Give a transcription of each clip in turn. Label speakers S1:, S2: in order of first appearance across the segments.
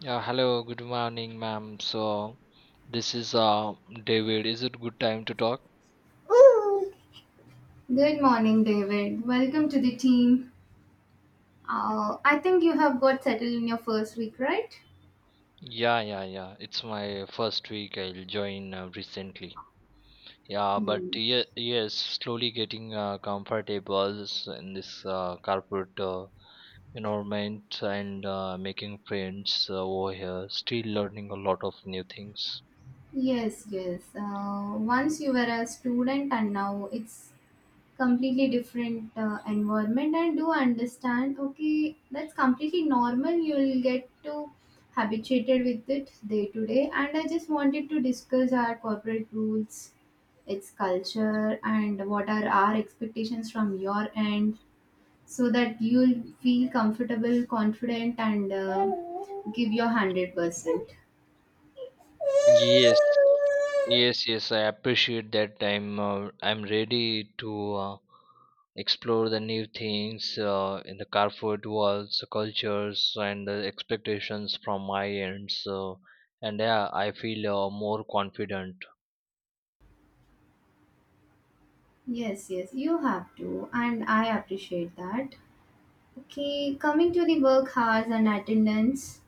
S1: Yeah, hello, good morning, ma'am. So, this is David. Is it good time to talk?
S2: Good morning, David. Welcome to the team. I think you have got settled in your first week, right?
S1: Yeah, yeah, yeah. It's my first week. I'll join recently. Yeah, but
S2: Hmm.
S1: yes, slowly getting comfortable in this corporate environment and making friends over here. Still learning a lot of new things.
S2: Yes, yes. Once you were a student and now it's completely different environment, and do understand, okay, that's completely normal. You'll get to habituated with it day to day. And I just wanted to discuss our corporate rules, its culture, and what are our expectations from your end, so that you'll feel comfortable, confident, and give your 100%.
S1: Yes, yes, yes. I appreciate that. I'm ready to explore the new things in the car food worlds, cultures, and the expectations from my end. So, and yeah, I feel more confident.
S2: Yes, yes, you have to, and I appreciate that. Okay, coming to the work hours and attendance,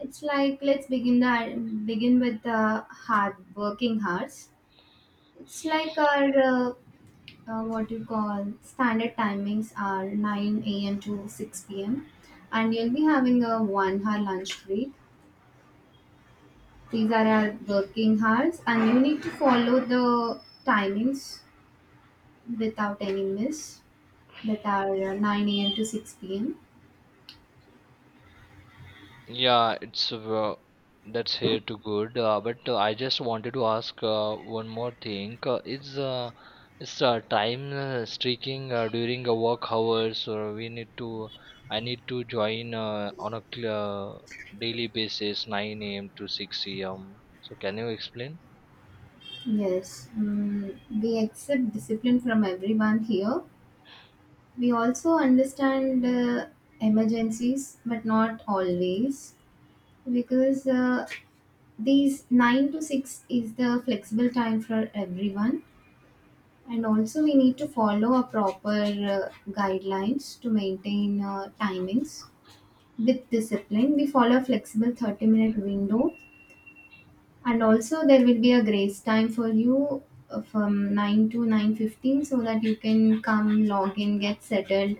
S2: it's like, let's begin with the hard working hours. It's like our what you call standard timings are 9 a.m. to 6 p.m., and you'll be having a 1 hour lunch break. These are our working hours, and you need to follow the timings without any miss, that are 9 a.m. to 6 p.m.
S1: Yeah, it's that's here to good. But I just wanted to ask one more thing. Is time streaking during the work hours, or we need to? I need to join on a daily basis, 9 a.m. to 6 a.m. So can you explain?
S2: Yes, mm, we accept discipline from everyone here. We also understand emergencies, but not always, because these 9 to 6 is the flexible time for everyone. And also, we need to follow a proper guidelines to maintain timings with discipline. We follow a flexible 30-minute window, and also there will be a grace time for you from 9 to 9:15, so that you can come, log in, get settled,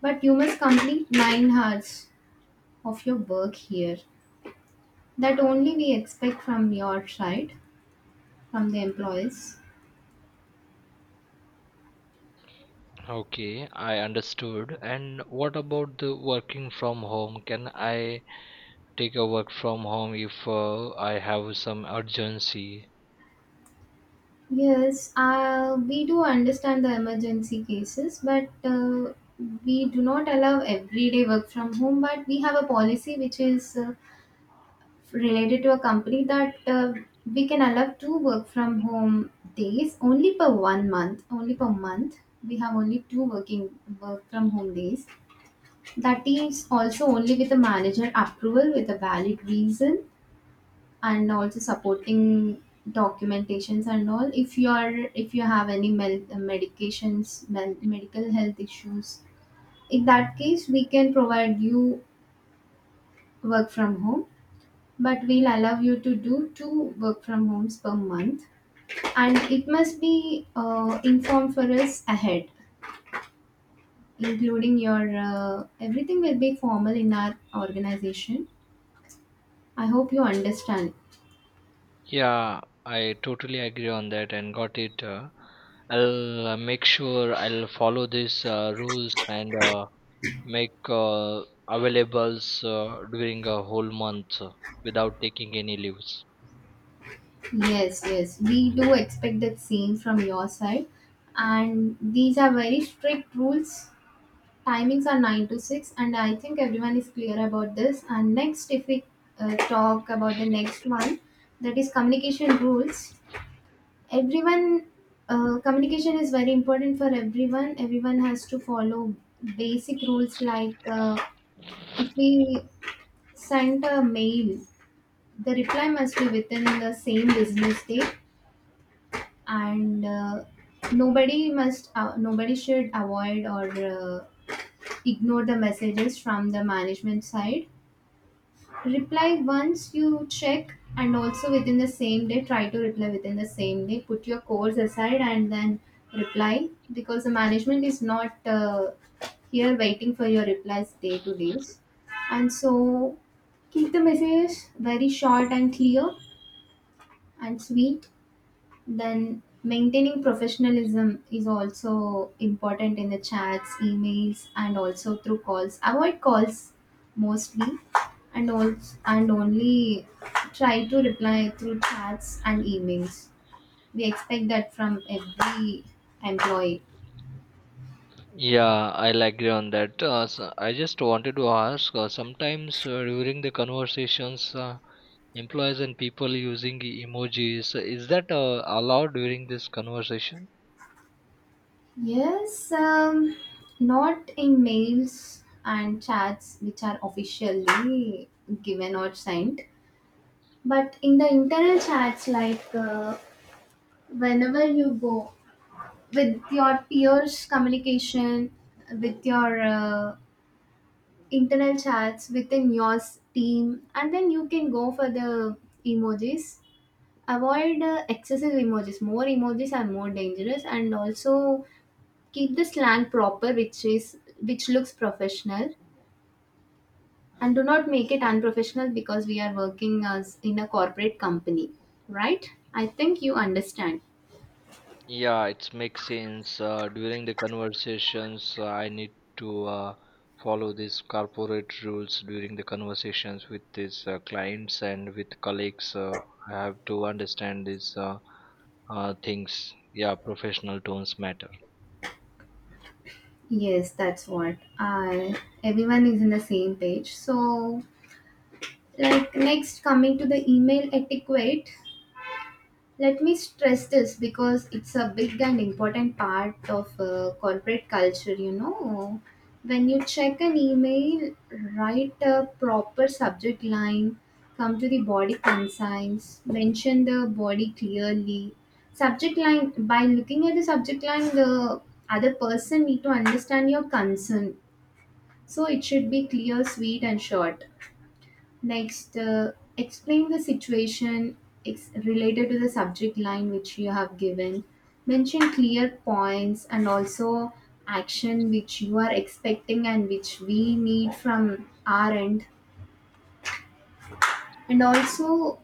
S2: but you must complete 9 hours of your work here. That only we expect from your side, from the employees.
S1: Okay, I understood. And what about the working from home? Can I take a work from home if I have some urgency?
S2: Yes, we do understand the emergency cases, but we do not allow everyday work from home. But we have a policy which is related to a company, that we can allow two work from home days only per 1 month. Only per month we have only two working work from home days. That is also only with the manager approval, with a valid reason, and also supporting documentations and all. If you are, if you have any medications, medical health issues, in that case we can provide you work from home. But we'll allow you to do two work from homes per month, and it must be informed for us ahead, including your everything will be formal in our organization. I hope you understand.
S1: Yeah, I totally agree on that and got it. I'll make sure I'll follow these rules and make availables during a whole month without taking any leaves.
S2: Yes, yes, we do expect that same from your side, and these are very strict rules. Timings are 9 to 6, and I think everyone is clear about this. And next, if we talk about the next one, that is communication rules. Everyone, communication is very important for everyone. Everyone has to follow basic rules, like if we send a mail, the reply must be within the same business day. And nobody must nobody should avoid or ignore the messages from the management side. Reply once you check, and also within the same day try to reply. Within the same day, put your course aside and then reply, because the management is not here waiting for your replies day to days. And so keep the message very short and clear and sweet. Then maintaining professionalism is also important in the chats, emails, and also through calls. Avoid calls mostly, and also and only try to reply through chats and emails. We expect that from every employee.
S1: Yeah, I'll agree on that. So I just wanted to ask sometimes during the conversations, employees and people using emojis, is that allowed during this conversation?
S2: Yes, not in mails and chats which are officially given or sent, but in the internal chats, like whenever you go with your peers communication, with your internal chats within your team, and then you can go for the emojis. Avoid excessive emojis. More emojis are more dangerous. And also keep the slang proper, which is which looks professional, and do not make it unprofessional, because we are working as in a corporate company, right? I think you understand.
S1: Yeah, it makes sense. During the conversations, I need to follow these corporate rules during the conversations with these clients and with colleagues. I have to understand these things. Yeah, professional tones matter.
S2: Yes, that's what. I, everyone is in the same page. So like next, coming to the email etiquette, let me stress this because it's a big and important part of corporate culture, you know. When you check an email, write a proper subject line. Come to the body consigns, mention the body clearly. Subject line, by looking at the subject line, the other person need to understand your concern, so it should be clear, sweet, and short. Next, explain the situation related to the subject line which you have given. Mention clear points, and also action which you are expecting and which we need from our end. And also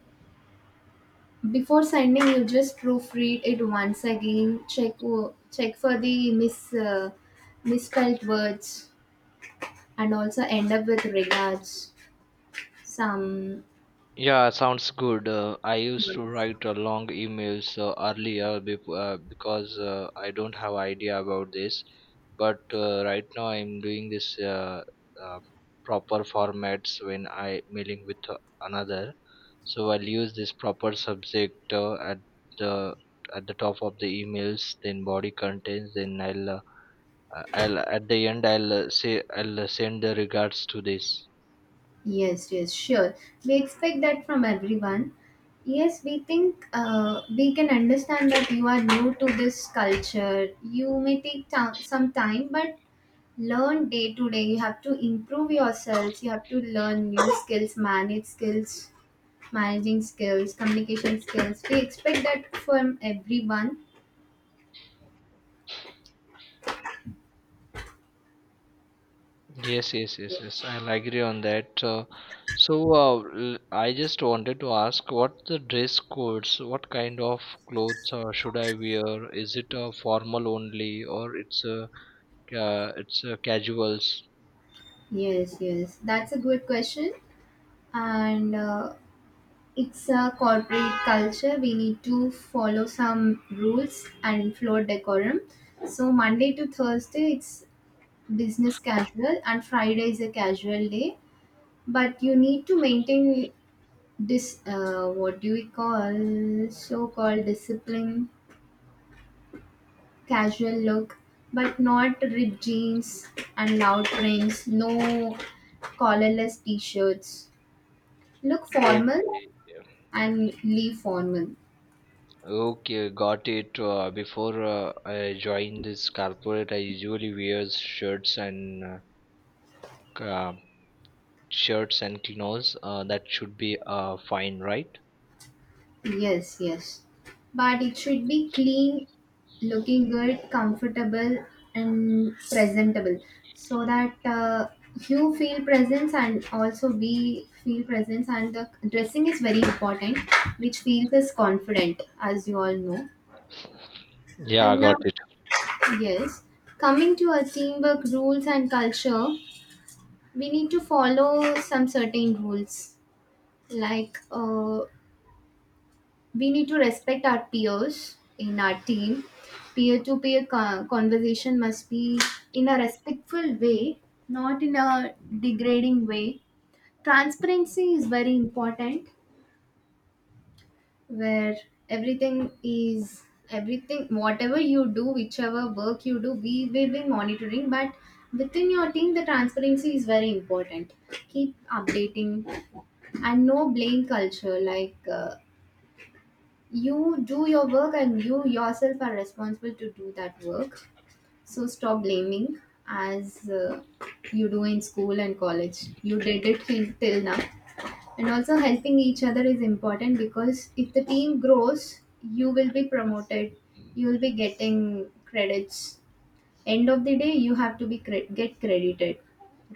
S2: before sending, you just proofread it once again. Check for the misspelled words, and also end up with regards some
S1: Yeah, sounds good. I used to
S2: words.
S1: write long emails earlier before, because I don't have idea about this. But right now I'm doing this uh, proper formats when I mailing with another. So I'll use this proper subject at the the top of the emails, then body contents, then I'll at the end I'll say I'll send the regards to this.
S2: Yes, yes, sure. We expect that from everyone. Yes, we think we can understand that you are new to this culture. You may take some time, but learn day to day. You have to improve yourselves. You have to learn new skills, managing skills, communication skills. We expect that from everyone.
S1: Yes, yes, yes, yes. I'll agree on that. I just wanted to ask what the dress codes, what kind of clothes should I wear? Is it formal only or it's casuals?
S2: Yes, yes. That's a good question. And it's a corporate culture. We need to follow some rules and floor decorum. So Monday to Thursday, it's business casual, and Friday is a casual day. But you need to maintain this. What do we call so-called discipline? Casual look, but not ripped jeans and loud prints. No collarless t-shirts. Look formal
S1: Okay, yeah.
S2: and leave formal.
S1: Okay, got it. Before I joined this corporate, I usually wear shirts and ca- shirts and chinos. That should be fine, right?
S2: Yes, yes. But it should be clean, looking good, comfortable, and presentable, so that you feel presence and also we feel presence. And the dressing is very important, which feels us confident, as you all know.
S1: Yeah,
S2: And now,
S1: got it.
S2: yes, coming to our teamwork rules and culture, we need to follow some certain rules, like we need to respect our peers in our team. Peer to peer conversation must be in a respectful way, not in a degrading way. Transparency is very important, where everything is everything, whatever you do, whichever work you do, we will be monitoring. But within your team, the transparency is very important. Keep updating. And no blame culture, like you do your work and you yourself are responsible to do that work, so stop blaming, as you do in school and college. You did it till now. And also helping each other is important, because if the team grows, you will be promoted, you will be getting credits. End of the day, you have to be get credited,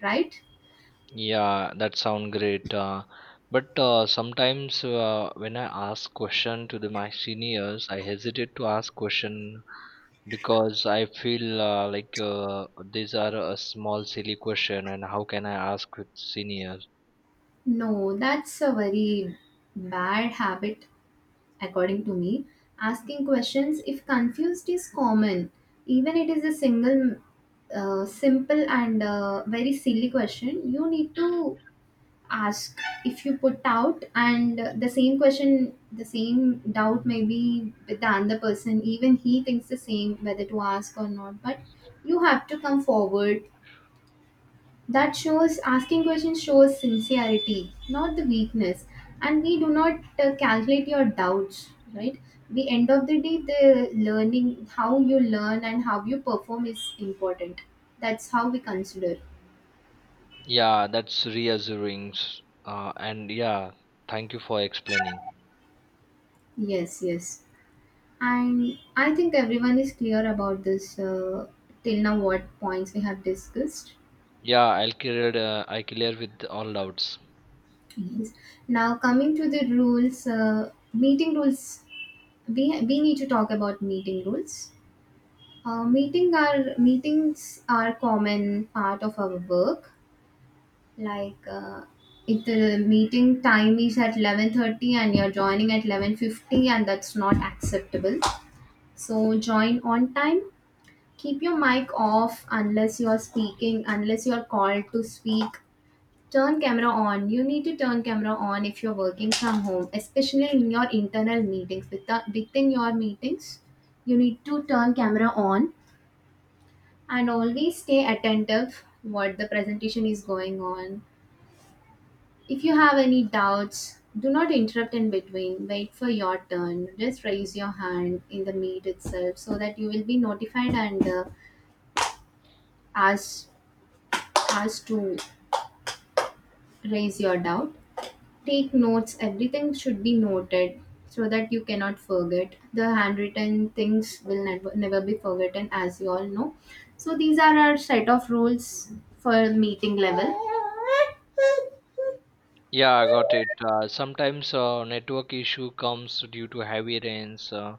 S2: right?
S1: Yeah, that sound great. But sometimes when I ask question to the my seniors, I hesitate to ask question because I feel like these are a small silly question and how can I ask with seniors?
S2: No, that's a very bad habit according to me. Asking questions if confused is common. Even it is a single simple and very silly question, you need to ask. If you put out, and the same question, the same doubt, maybe with the other person, even he thinks the same, whether to ask or not. But you have to come forward. That shows, asking questions shows sincerity, not the weakness. And we do not calculate your doubts, right? The end of the day, the learning, how you learn and how you perform is important. That's how we consider.
S1: Yeah, that's reassuring. And yeah, thank you for explaining.
S2: Yes, yes. And I think everyone is clear about this till now, what points we have discussed.
S1: Yeah, I clear with all doubts.
S2: Yes. Now coming to the rules, meeting rules. We need to talk about meeting rules. Meetings are common part of our work. Like if the meeting time is at 11:30 and you're joining at 11:50, and that's not acceptable. So join on time. Keep your mic off unless you're speaking. Unless you're called to speak, turn camera on. You need to turn camera on if you're working from home, especially in your internal meetings. Within your meetings, you need to turn camera on, and always stay attentive what the presentation is going on. If you have any doubts, do not interrupt in between. Wait for your turn. Just raise your hand in the meet itself, so that you will be notified and asked asked to raise your doubt. Take notes. Everything should be noted, so that you cannot forget. The handwritten things will never be forgotten, as you all know. So these are our set of rules for meeting level.
S1: Yeah, I got it. Sometimes network issue comes due to heavy rains,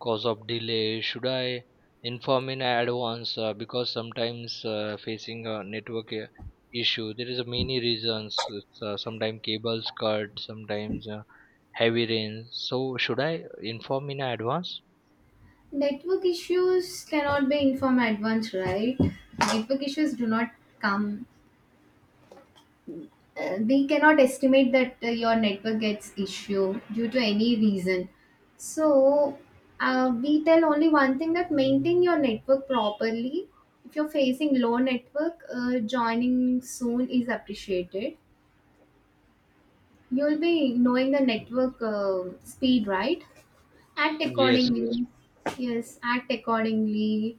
S1: cause of delay. Should I inform in advance? Because sometimes facing a network issue, there is many reasons. It's, sometimes cables cut, sometimes heavy rain. So should I inform in advance?
S2: Network issues cannot be informed advance, right? Network issues do not come. Uh, we cannot estimate that your network gets issue due to any reason. So we tell only one thing, that maintain your network properly. If you're facing low network, joining soon is appreciated. You'll be knowing the network speed, right? Act
S1: Yes,
S2: accordingly. Yes, act accordingly.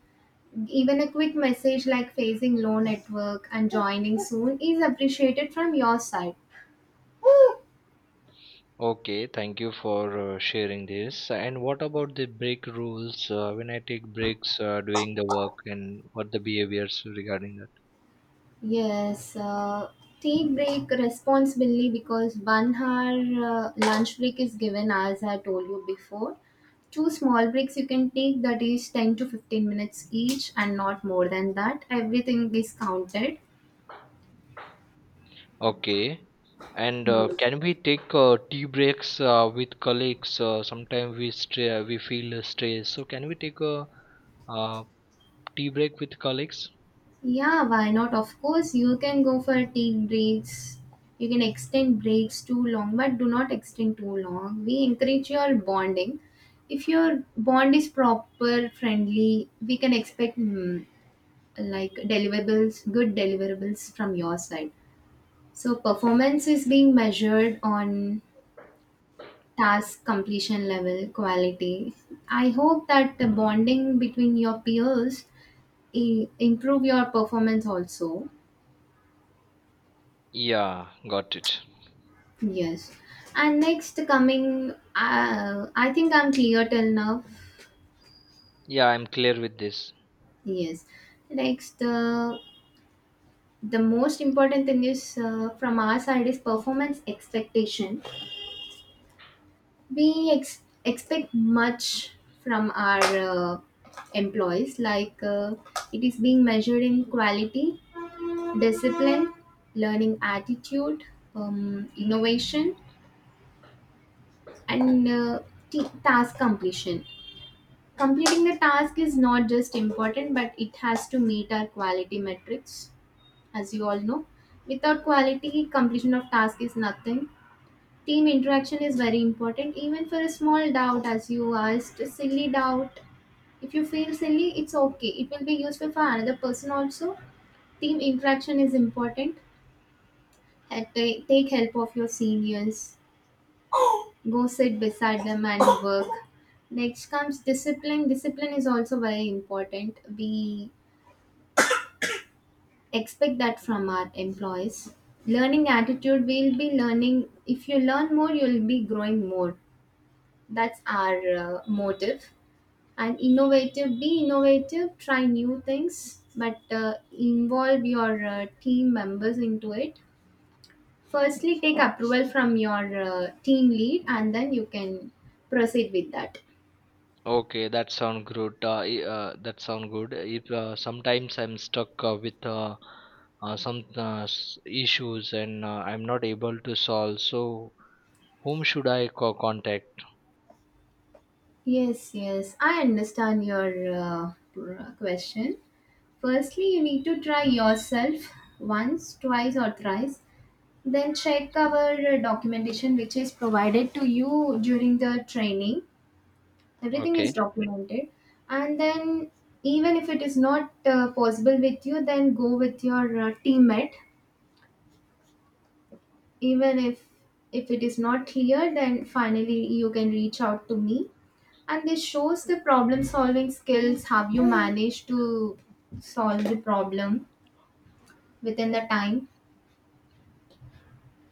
S2: Even a quick message like facing low network and joining soon is appreciated from your side.
S1: okay, thank you for sharing this. And what about the break rules? When I take breaks doing the work, and what the behaviors regarding that?
S2: Yes, take break responsibly, because 1 hour lunch break is given, as I told you before. Two small breaks you can take, that is 10 to 15 minutes each, and not more than that. Everything is counted.
S1: Okay, and
S2: Yeah,
S1: can we take tea breaks with colleagues? Sometimes we feel stressed, so can we take a uh, tea break with colleagues?
S2: Yeah, why not? Of course, you can go for take breaks. You can extend breaks too long, but do not extend too long. We encourage your bonding if your bond is proper friendly we can expect like deliverables, good deliverables from your side. So performance is being measured on task completion level, quality. I hope that the bonding between your peers improve your performance also.
S1: Yeah, got it.
S2: Yes. And next coming, I think I'm clear till now.
S1: Yeah, I'm clear with this.
S2: Yes. Next, the most important thing is from our side is performance expectation we expect much from our employees like it is being measured in quality, discipline, learning attitude, innovation, and task completion. Completing the task is not just important but it has to meet our quality metrics. As you all know, without quality completion of task is nothing. Team interaction is very important even for a small doubt, as you asked a silly doubt. If you feel silly, it's okay. It will be useful for another person also. Team interaction is important. Take help of your seniors. Go sit beside them and work. Next comes discipline. Discipline is also very important. We expect that from our employees. Learning attitude, we'll be learning. If you learn more, you'll be growing more. That's our motive. And innovative, be innovative, try new things, but involve your team members into it. Firstly, take approval from your team lead and then you can proceed with that.
S1: Okay, that sound good. That sound good. If sometimes I'm stuck with some issues and I'm not able to solve, so whom should I contact?
S2: Yes, yes, I understand your question. Firstly, you need to try yourself, once, twice, or thrice. Then check our documentation which is provided to you during the training. Everything is
S1: Okay,
S2: documented. And then, even if it is not possible with you, then go with your teammate. Even if it is not clear, then finally you can reach out to me. And this shows the problem solving skills, how you manage to solve the problem within the time.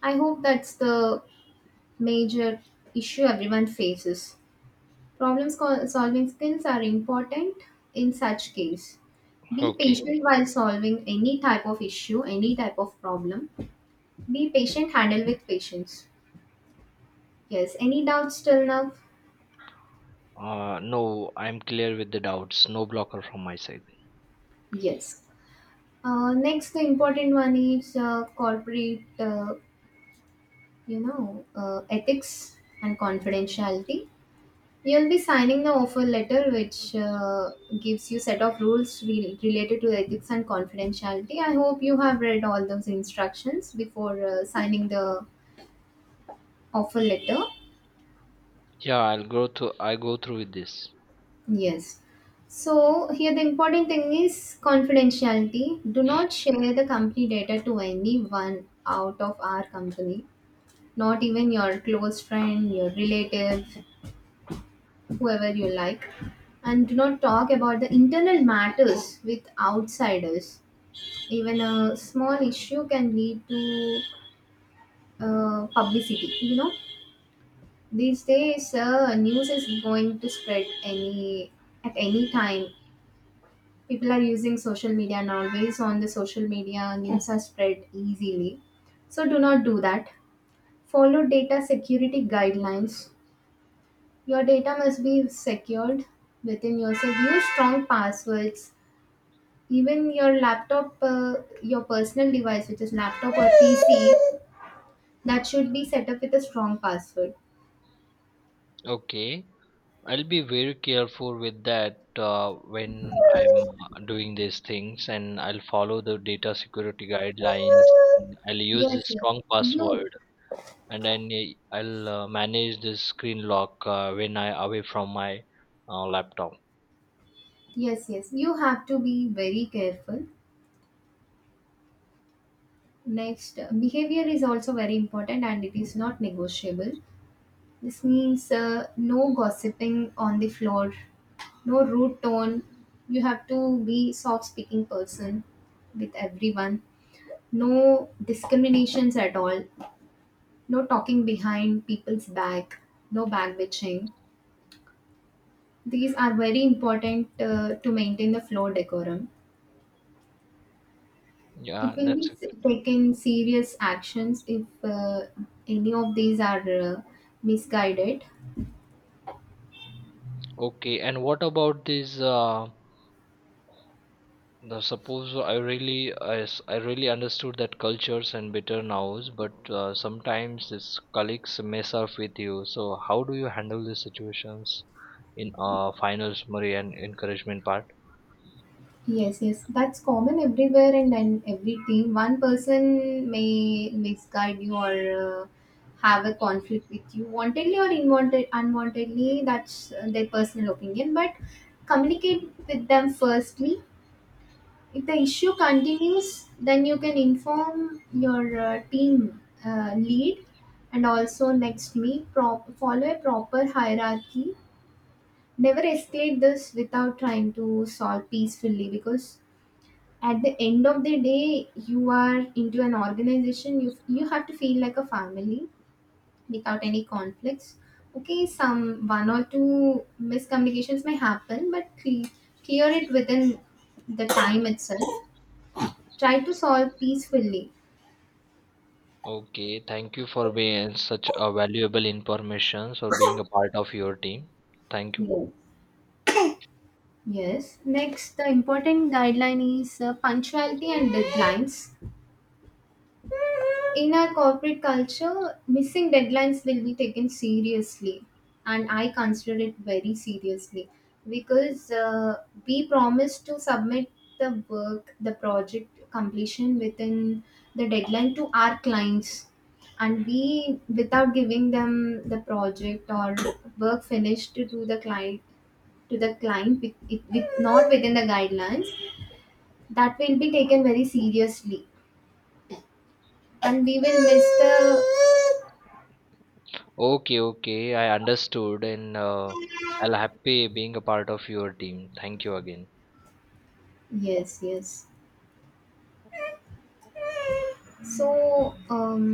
S2: I hope that's the major issue everyone faces. Problem solving skills are important in such case. Be
S1: okay.
S2: patient while solving any type of issue, any type of problem. Be patient, handle with patience. Yes. Any doubts till now?
S1: No, I'm clear with the doubts. No blocker from my side.
S2: Yes. Next, the important one is corporate, ethics and confidentiality. You'll be signing the offer letter, which gives you set of rules related to ethics and confidentiality. I hope you have read all those instructions before signing the offer letter.
S1: Yeah, I'll go through. I go through with this.
S2: Yes. So here the important thing is confidentiality. Do not share the company data to anyone out of our company. Not even your close friend, your relative, whoever you like. And do not talk about the internal matters with outsiders. Even a small issue can lead to publicity, you know. These days news is going to spread any, at any time. People are using social media nowadays, on the social media news are spread easily, so do not do that. Follow data security guidelines. Your data must be secured within yourself. Use strong passwords. Even your laptop, your personal device, which is laptop or PC, that should be set up with a strong password.
S1: Okay. I'll be very careful with that when I'm doing these things, and I'll follow the data security guidelines. And I'll use
S2: Yes,
S1: a
S2: yes.
S1: strong
S2: You,
S1: password, and then I'll manage the screen lock when I away from my laptop.
S2: yes, yes. You have to be very careful. Next, behavior is also very important and it is not negotiable. This means no gossiping on the floor, no rude tone. You have to be soft speaking person with everyone. No discriminations at all. No talking behind people's back. No back bitching. These are very important to maintain the floor decorum. It
S1: Yeah,
S2: will be
S1: that's a good.
S2: taken serious actions if any of these are misguided.
S1: Okay, and what about this? Now, suppose I really understood that cultures and better nows, but sometimes these colleagues mess up with you. So how do you handle these situations in final summary and encouragement part?
S2: Yes, yes, that's common everywhere and in every team. One person may misguide you or have a conflict with you, wantedly or inwanted, unwantedly. That's their personal opinion. But communicate with them firstly. If the issue continues, then you can inform your team lead, and also next me, follow a proper hierarchy. Never escalate this without trying to solve peacefully, because at the end of the day you are into an organization, you have to feel like a family without any conflicts. Okay, some one or two miscommunications may happen, but clear it within the time itself. Try to solve peacefully.
S1: Okay, thank you for being such a valuable information for being a part of your team. Thank you.
S2: No. Yes. Next, the important guideline is punctuality and deadlines. In our corporate culture, missing deadlines will be taken seriously, and I consider it very seriously because we promise to submit the work, the project completion within the deadline to our clients, and we, without giving them the project or work finished to the client with, it, with not within the guidelines, that will be taken very seriously, and we will miss the
S1: Okay, okay, I understood, and I'll happy being a part of your team. Thank you again.
S2: yes, yes. So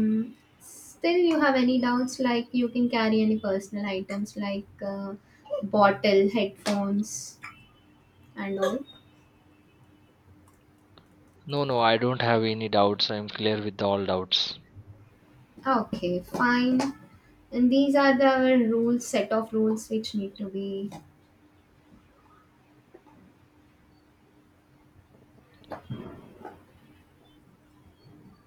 S2: still you have any doubts, like you can carry any personal items like bottle, headphones, and all.
S1: No, no, I don't have any doubts. I'm clear with all doubts.
S2: Okay, fine. And these are the rules, set of rules which need to be